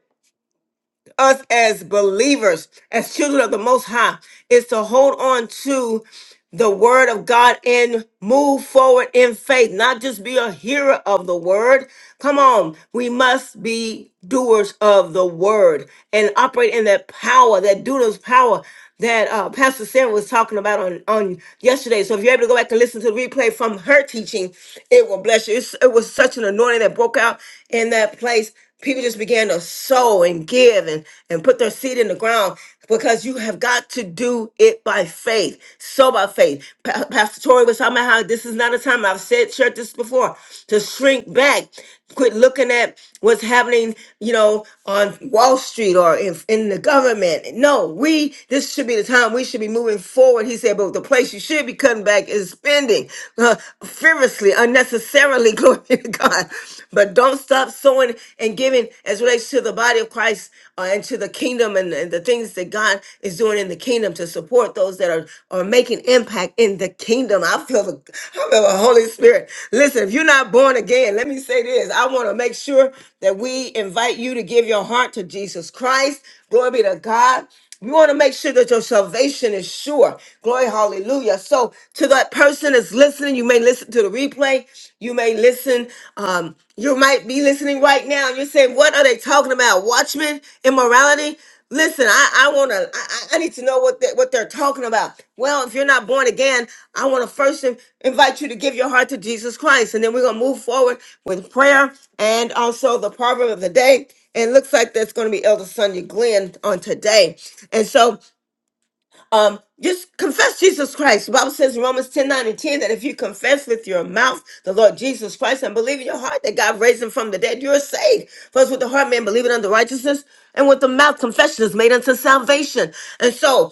S1: us as believers, as children of the Most High, is to hold on to the word of God and move forward in faith, not just be a hearer of the word. Come on, we must be doers of the word and operate in that power, that dunamis power that uh, Pastor Sarah was talking about on, on yesterday. So if you're able to go back and listen to the replay from her teaching, it will bless you. It's- it was such an anointing that broke out in that place. People just began to sow and give and, and put their seed in the ground because you have got to do it by faith. So by faith. Pa- Pastor Tori was talking about how this is not a time, I've said, shared this before, to shrink back, quit looking at what's happening, you know, on Wall Street or in, in the government. No, we, this should be the time we should be moving forward. He said, but the place you should be cutting back is spending uh, fearlessly, unnecessarily, glory to God. But don't stop sowing sowing and giving as relates to the body of Christ uh, and to the kingdom and, and the things that God is doing in the kingdom to support those that are, are making impact in the kingdom. I feel the I feel the Holy Spirit. Listen, if you're not born again, let me say this. I want to make sure that we invite you to give your heart to Jesus Christ. Glory be to God. You want to make sure that your salvation is sure. Glory, hallelujah. So, to that person that's listening, you may listen to the replay. You may listen. Um, you might be listening right now. And you're saying, "What are they talking about? Watchmen, immorality." Listen, I, I want to. I, I I need to know what they, what they're talking about. Well, if you're not born again, I want to first in- invite you to give your heart to Jesus Christ, and then we're gonna move forward with prayer and also the proverb of the day. And it looks like that's going to be Elder Sonia Glenn on today. And so um, just confess Jesus Christ. The Bible says in Romans 10 9 and 10 that if you confess with your mouth the Lord Jesus Christ and believe in your heart that God raised him from the dead, you're saved. First, with the heart, man believing unto righteousness, and with the mouth, confession is made unto salvation. And so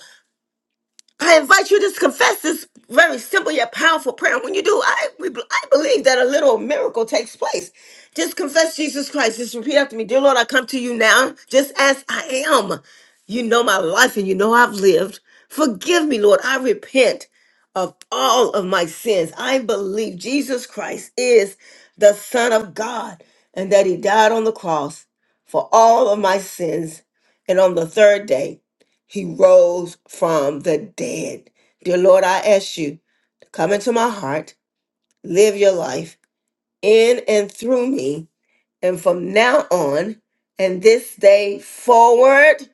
S1: I invite you to just confess this very simple yet powerful prayer. When you do, I we, I believe that a little miracle takes place. Just confess Jesus Christ. Just repeat after me, dear Lord, I come to you now, just as I am. You know my life, and you know I've lived. Forgive me, Lord. I repent of all of my sins. I believe Jesus Christ is the Son of God, and that He died on the cross for all of my sins, and on the third day he rose from the dead. Dear Lord, I ask you to come into my heart, live your life in and through me. And from now on and this day forward,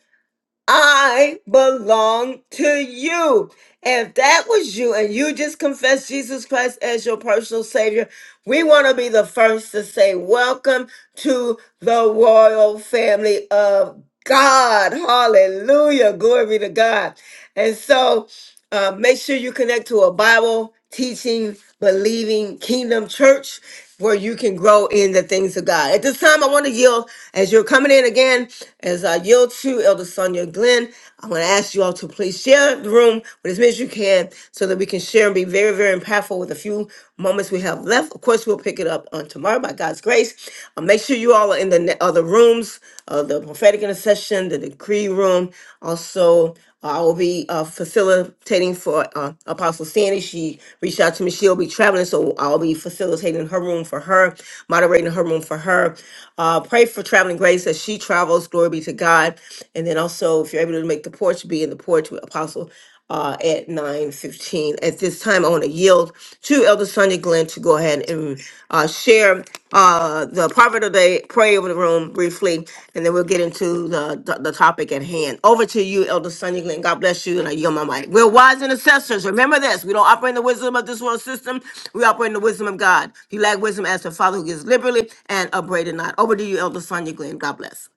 S1: I belong to you. If that was you and you just confessed Jesus Christ as your personal Savior, we want to be the first to say, Welcome to the royal family of God. Hallelujah. Glory be to God. And so uh, make sure you connect to a Bible teaching, believing kingdom church where you can grow in the things of God. At this time, I want to yield as you're coming in again. As I yield to Elder Sonia Glenn, I'm going to ask you all to please share the room with as many as you can so that we can share and be very, very impactful with a few moments we have left. Of course, we'll pick it up on tomorrow by God's grace. Uh, make sure you all are in the ne- other rooms, uh, the prophetic intercession, the decree room, also uh, I will be uh, facilitating for uh, Apostle Sandy. She reached out to me. She'll be traveling, so I'll be facilitating her room for her, moderating her room for her. Uh, pray for traveling grace as she travels. Glory be to God. And then also, if you're able to make the porch, be in the porch with Apostle uh, at 9.15. At this time, I want to yield to Elder Sonia Glenn to go ahead and uh, share uh, the proverb of the day, pray over the room briefly, and then we'll get into the, the, the topic at hand. Over to you, Elder Sonia Glenn. God bless you, and I yield my mic. We're wise intercessors. Remember this. We don't operate in the wisdom of this world system. We operate in the wisdom of God. If you lack wisdom, ask the Father who gives liberally and upbraided not. Over to you, Elder Sonia Glenn. God bless.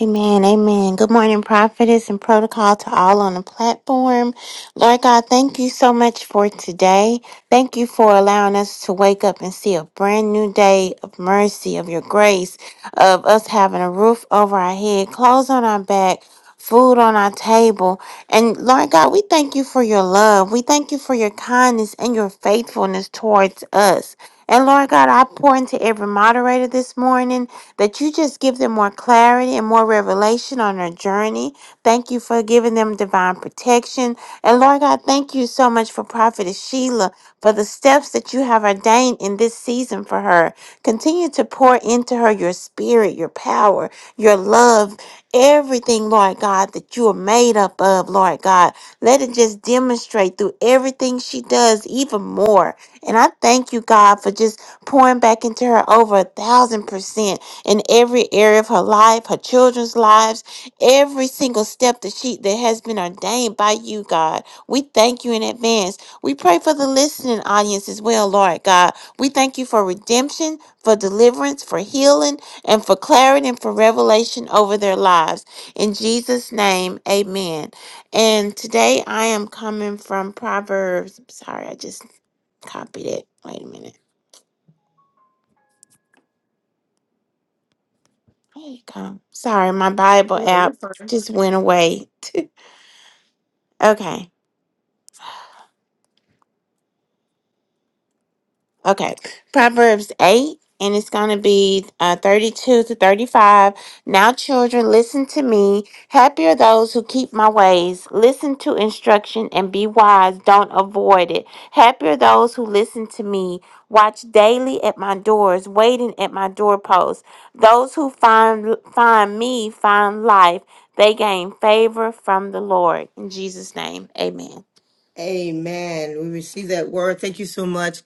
S10: Amen. prophetess and protocol to all on the platform. Lord God, thank you so much for today. Thank you for allowing us to wake up and see a brand new day of mercy, of your grace, of us having a roof over our head, clothes on our back. Food on our table. And Lord God, we thank you for your love. We thank you for your kindness and your faithfulness towards us. And Lord God, I pour into every moderator this morning that you just give them more clarity and more revelation on their journey. Thank you for giving them divine protection. And Lord God, thank you so much for Prophetess Sheila for the steps that you have ordained in this season for her. Continue to pour into her your spirit, your power, your love, everything, Lord God, that you are made up of, Lord God. Let it just demonstrate through everything she does even more. And I thank you, God, for just pouring back into her over a thousand percent in every area of her life, her children's lives every single step that she that has been ordained by you, God. We thank you in advance. We pray for the listening audience as well, Lord God. We thank you for redemption, for deliverance, for healing, and for clarity and for revelation over their lives. In Jesus' name, amen. And today I am coming from Proverbs. Sorry, I just copied it. Wait a minute. Here you come. Sorry, my Bible app just went away. okay. Okay, Proverbs 8, and it's going to be uh, 32 to 35. Now, children, listen to me. Happy are those who keep my ways. Listen to instruction and be wise. Don't avoid it. Happy are those who listen to me. Watch daily at my doors, waiting at my doorposts. Those who find find me find life. They gain favor from the Lord. In Jesus' name, amen.
S1: Amen. We receive that word. Thank you so much,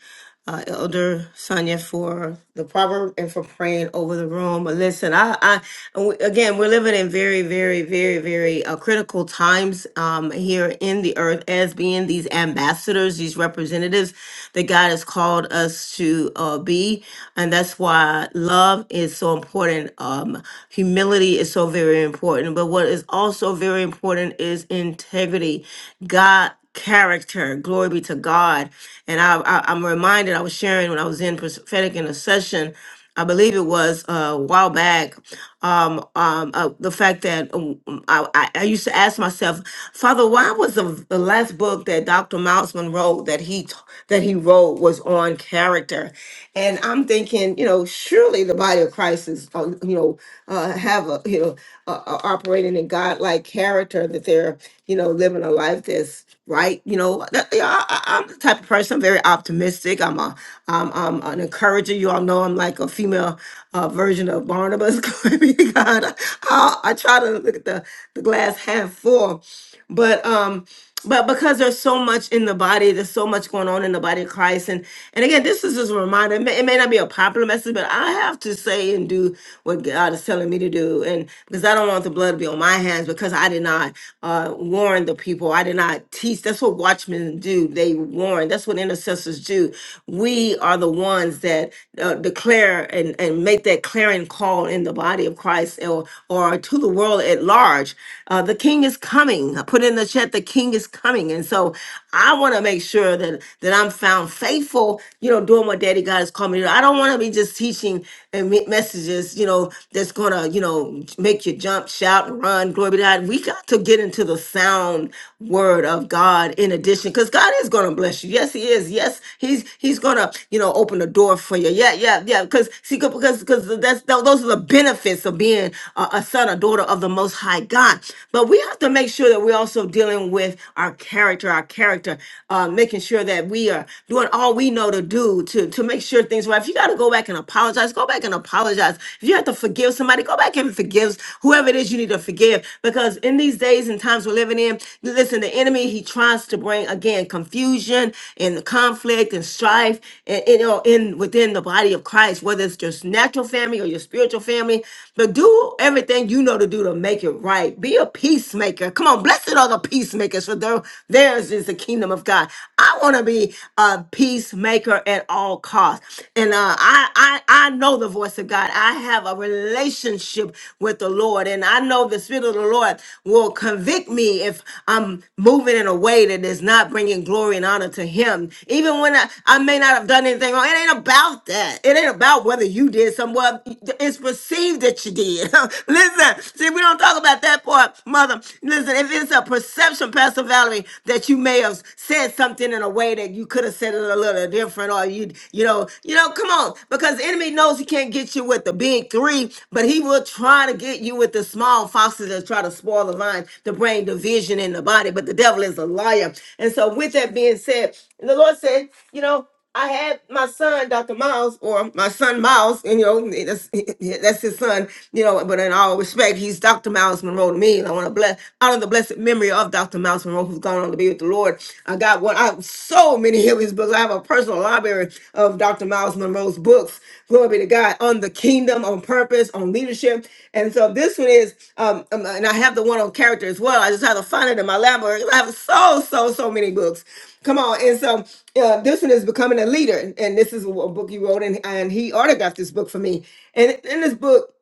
S1: uh, Elder Sonia, for the proverb and for praying over the room. But listen, I, I and we- again, we're living in very, very, very, very uh, critical times um, here in the earth as being these ambassadors, these representatives that God has called us to uh, be, and that's why love is so important. Um, humility is so very important, but what is also very important is integrity. God character. Glory be to God. And I, I, am reminded, I was sharing when I was in prophetic intercession, I believe it was uh, a while back, um, um, uh, the fact that um, I, I I used to ask myself, Father, why was the, the last book that Dr. Mouseman wrote that he t- that he wrote was on character? And I'm thinking, you know, surely the body of Christ is, uh, you know, uh, have a, you know, uh, uh, operating in God-like character that they're, you know, living a life that's right. You know, that, yeah, I, I- I'm the type of person. I'm very optimistic. I'm a, I'm, I'm an encourager. You all know I'm like a female uh, version of Barnabas. Glory be to God. I, I try to look at the the glass half full, but um but because there's so much in the body, there's so much going on in the body of Christ, and and again, this is just a reminder. It may, it may not be a popular message, but I have to say and do what God is telling me to do, and because I don't want the blood to be on my hands, because I did not uh, warn the people, I did not teach. That's what watchmen do; they warn. That's what intercessors do. We are the ones that uh, declare and and make that clarion call in the body of Christ, or or to the world at large, uh, the kingdom king is coming. I put in the chat, the king is coming. And so I want to make sure that, that I'm found faithful, you know, doing what daddy God has called me to do. I don't want to be just teaching and me- messages, you know, that's going to, you know, make you jump, shout, and run. Glory be to God. We got to get into the sound word of God in addition, because God is going to bless you. Yes, he is. Yes, he's, he's going to, you know, open the door for you. Yeah, yeah, yeah. Because see, because, because that's, those are the benefits of being a, a son son or daughter of the Most High God. But we have to make sure that we're also dealing with our character, our character, uh, making sure that we are doing all we know to do to, to make sure things right. If you got to go back and apologize, go back and apologize. If you have to forgive somebody, go back and forgive whoever it is you need to forgive. Because in these days and times we're living in, listen, the enemy, he tries to bring again confusion and conflict and strife and you know in within the body of Christ, whether it's just natural family or your spiritual family, but do everything you know to do to make it right. Be a peacemaker. Come on, blessed are the peacemakers, for their- theirs is the kingdom of God. I want to be a peacemaker at all costs, and uh, I, I I know the voice of God. I have a relationship with the Lord, and I know the Spirit of the Lord will convict me if I'm moving in a way that is not bringing glory and honor to Him, even when I, I may not have done anything wrong. It ain't about that it ain't about whether you did something. Well, it's perceived that you did. Listen, see, we don't talk about that part, mother. Listen, if it's a perception, Pastor Valerie, that you may have said something in a way that you could have said it a little different, or you, you know, you know, come on, because the enemy knows he can't get you with the big three, but he will try to get you with the small foxes that try to spoil the line, to bring division in the body. But the devil is a liar, and so with that being said, the Lord said, you know. I had my son, Dr. Miles, or my son Miles, and you know, that's, that's his son, you know, but in all respect, he's Dr. Miles Monroe to me. And I want to bless out of the blessed memory of Dr. Miles Monroe, who's gone on to be with the Lord. I got one, I have so many of his books. I have a personal library of Dr. Miles Monroe's books. Glory be to God on the kingdom, on purpose, on leadership. And so this one is, um, um, and I have the one on character as well. I just had to find it in my library. I have so, so, so many books. Come on. And so uh, this one is becoming a leader. And this is a book you wrote, and, and he autographed this book for me. And in this book,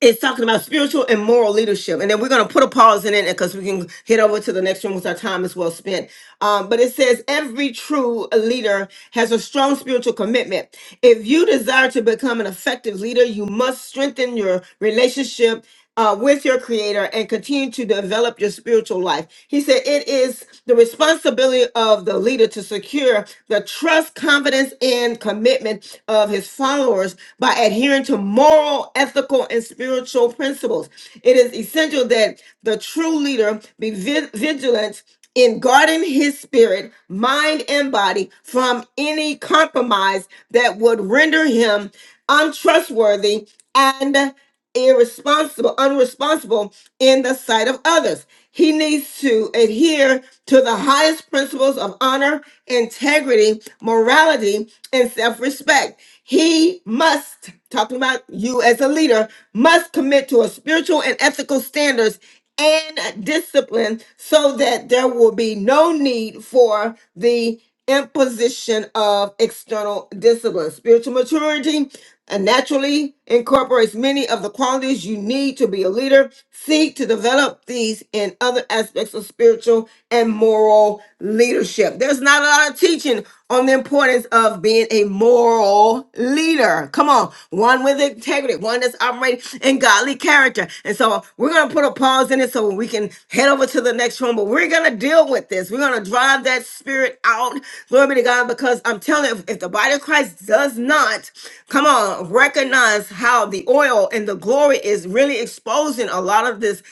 S1: it's talking about spiritual and moral leadership. And then we're going to put a pause in it because we can head over to the next one because our time is well spent. Um, but it says every true leader has a strong spiritual commitment. If you desire to become an effective leader, you must strengthen your relationship uh, with your creator and continue to develop your spiritual life. He said it is the responsibility of the leader to secure the trust, confidence, and commitment of his followers by adhering to moral, ethical, and spiritual principles. It is essential that the true leader be vi- vigilant in guarding his spirit, mind, and body from any compromise that would render him untrustworthy and." irresponsible, unresponsible in the sight of others. He needs to adhere to the highest principles of honor, integrity, morality, and self respect. He must, talking about you as a leader, must commit to a spiritual and ethical standards and discipline so that there will be no need for the imposition of external discipline. Spiritual maturity and naturally incorporates many of the qualities you need to be a leader. Seek to develop these in other aspects of spiritual and moral leadership. There's not a lot of teaching on the importance of being a moral leader. Come on, one with integrity, one that's operating in godly character. And so we're going to put a pause in it so we can head over to the next one, but we're going to deal with this. We're going to drive that spirit out. Glory be to God, because I'm telling you, if if the body of Christ does not not, come on, recognize how the oil and the glory is really exposing a lot of this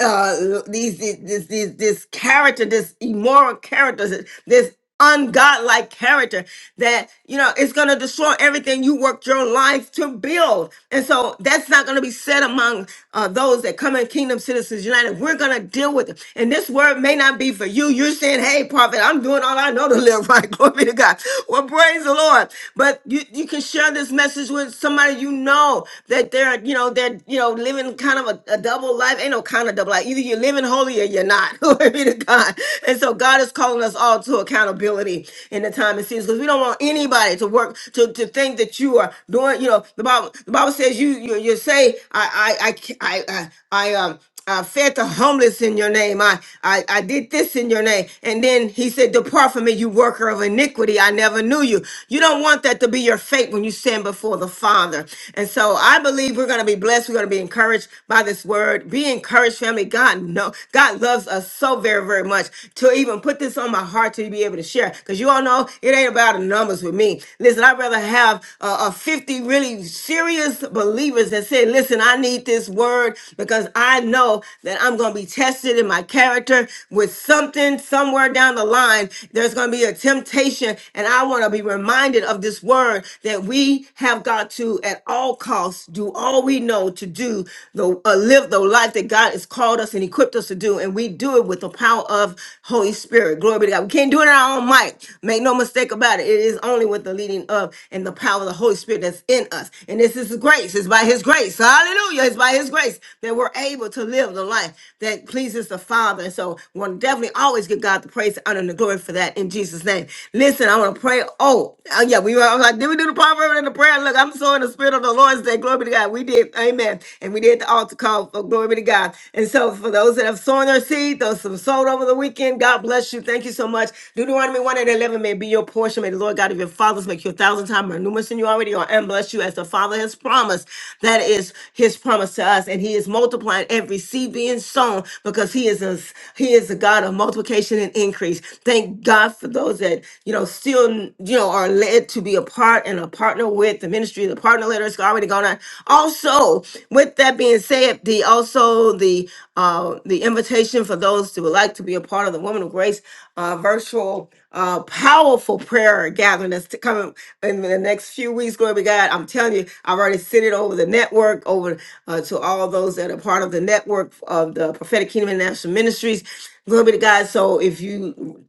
S1: uh these these this these, this character, this immoral character, this ungodlike character that you know it's going to destroy everything you worked your life to build and so that's not going to be said among uh, those that come in kingdom citizens united we're going to deal with it and this word may not be for you you're saying hey prophet i'm doing all i know to live right glory be to god well praise the lord Lord. But you, you can share this message with somebody you know that they're, you know, they're, you know, living kind of a, a double life. Ain't no kind of double life. Either you're living holy or you're not. Glory be to God. And so God is calling us all to accountability in the time it seems because we don't want anybody to work to, to think that you are doing, you know, the Bible, the Bible says you you, you say I I I I I, I um I fed the homeless in your name. I, I, I did this in your name. And then he said, Depart from me, you worker of iniquity. I never knew you. You don't want that to be your fate when you stand before the Father. And so I believe we're going to be blessed. We're going to be encouraged by this word. Be encouraged, family. God know God loves us so very, very much. To even put this on my heart to be able to share. Because you all know it ain't about the numbers with me. Listen, I'd rather have a, uh, uh, 50 really serious believers that said, Listen, I need this word because I know that I'm going to be tested in my character with something somewhere down the line. There's going to be a temptation, and I want to be reminded of this word that we have got to, at all costs, do all we know to do, the, uh, live the life that God has called us and equipped us to do. And we do it with the power of Holy Spirit. Spirit. Glory be to God. We can't do it in our own might. Make no mistake about it. It is only with the leading of and the power of the Holy Spirit that's in us. And this is grace. It's by His grace. Hallelujah. It's by His grace that we're able to live the life that pleases the Father. And so we want to definitely always give God the praise, the honor, and the glory for that in Jesus' name. Listen, I want to pray. Oh, uh, yeah, we were I was like, did we do the proverb and the prayer? Look, I'm so in the spirit of the Lord's day. Glory be to God. We did. Amen. And we did be at the altar call for glory be to God. And so for those that have sown their seed, those who have sold over the weekend, God bless you. Thank you so much. Deuteronomy 1 and 11 may be your portion. May the Lord God of your fathers make you a thousand times more numerous than you already are and bless you as the Father has promised. That is his promise to us. And he is multiplying every seed being sown because he is a, he is a God of multiplication and increase. Thank God for those that, you know, still, you know, are led to be a part and a partner with the ministry. The partner letter is already gone on. Also, with that being said, the also the uh, the invitation for those who would like to be a part of the Woman of Grace uh, virtual uh, powerful prayer gathering that's to come in the next few weeks. Glory be God. I'm telling you, I've already sent it over the network, over uh, to all those that are part of the network of the Prophetic Kingdom International Ministries. Glory be to God. So if you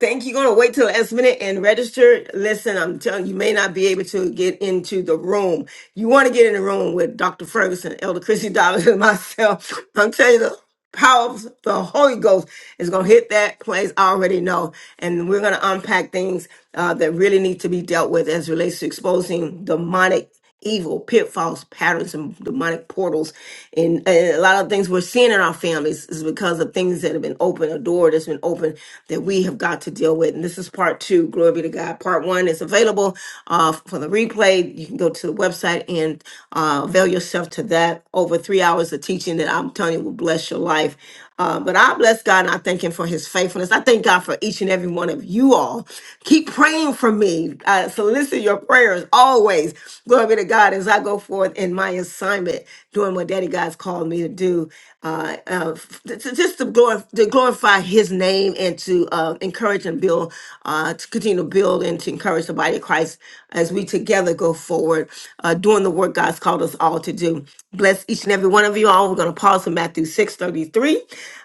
S1: Think you're going to wait till the last minute and register? Listen, I'm telling you, you may not be able to get into the room. You want to get in the room with Dr. Ferguson, Elder Chrissy Dobbins, and myself. I'm telling you, power of the Holy Ghost is going to hit that place. I already know. And we're going to unpack things uh, that really need to be dealt with as relates to exposing demonic evil pitfalls patterns and demonic portals and, and a lot of things we're seeing in our families is because of things that have been open a door that's been open that we have got to deal with and this is part two glory be to god part one is available uh, for the replay you can go to the website and uh, avail yourself to that over three hours hours of teaching that I'm telling you will bless your life. Uh, but I bless God and I thank Him for His faithfulness. I thank God for each and every one of you all. Keep praying for me. Uh, solicit your prayers always. Glory be to God as I go forth in my assignment, doing what Daddy God's called me to do, uh, uh, f- t- t- just to, glorify, to glorify His name and to uh, encourage and build, uh, to continue to build and to encourage the body of Christ as we together go forward, uh, doing the work God's called us us all to do. Bless each and every one of you all. We're going to pause in Matthew 6:33.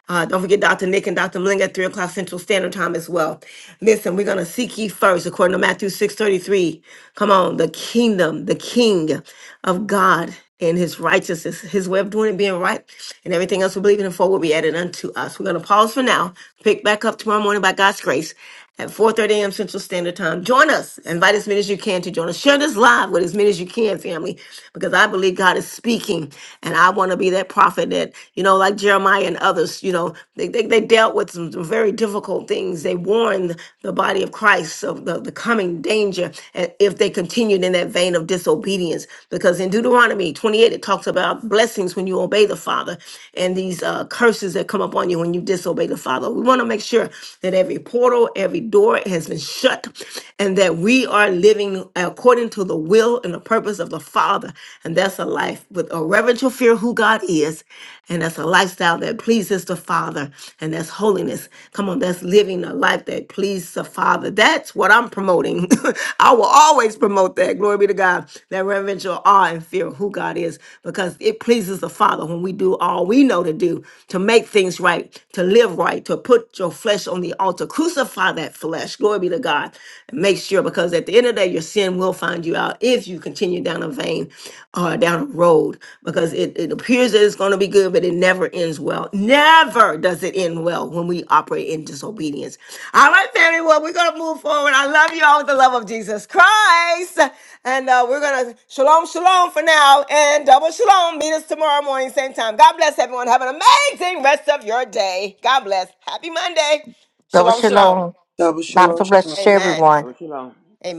S1: Uh, don't forget Dr. Nick and Dr. Malinga at 3 o'clock Central Standard Time as well. Listen, we're going to seek ye first, according to Matthew 6:33. Come on, the kingdom, the king of God and his righteousness, his way of doing it being right, and everything else we believe in and for will be added unto us. We're going to pause for now, pick back up tomorrow morning by God's grace at 4.30 a.m. Central Standard Time. Join us. Invite as many as you can to join us. Share this live with as many as you can, family, because I believe God is speaking. And I want to be that prophet that, you know, like Jeremiah and others, you know, they, they, they dealt with some very difficult things. They warned the body of Christ of the, the coming danger and if they continued in that vein of disobedience. Because in Deuteronomy 28, it talks about blessings when you obey the Father and these uh, curses that come upon you when you disobey the Father. We want to make sure that every portal portal, every door has been shut, and that we are living according to the will and the purpose of the Father. And that's a life with a reverential fear of who God is. And that's a lifestyle that pleases the Father. And that's holiness. Come on, that's living a life that pleases the Father. That's what I'm promoting. I will always promote that. Glory be to God. That reverential awe and fear of who God is. Because it pleases the Father when we do all we know to do to make things right, to live right, to put your flesh on the altar altar. Crucify that flesh. Glory be to God. Make sure because at the end of the day, your sin will find you out if you continue down a vein or down a road because it, it appears that it's going to be good, but it never ends well. Never does it end well when we operate in disobedience. All right, family. Well, we're going to move forward. I love you all with the love of Jesus Christ. And uh, we're going to shalom, shalom for now and double shalom. Meet us tomorrow morning, same time. God bless everyone. Have an amazing rest of your day. God bless. Happy Monday.
S9: Double
S1: Shalom, shalom.
S9: shalom.
S3: Double shalom.
S9: Bountiful
S3: shalom.
S9: blessings to
S1: Amen.
S9: everyone.
S11: Shabbat shalom.
S1: Amen.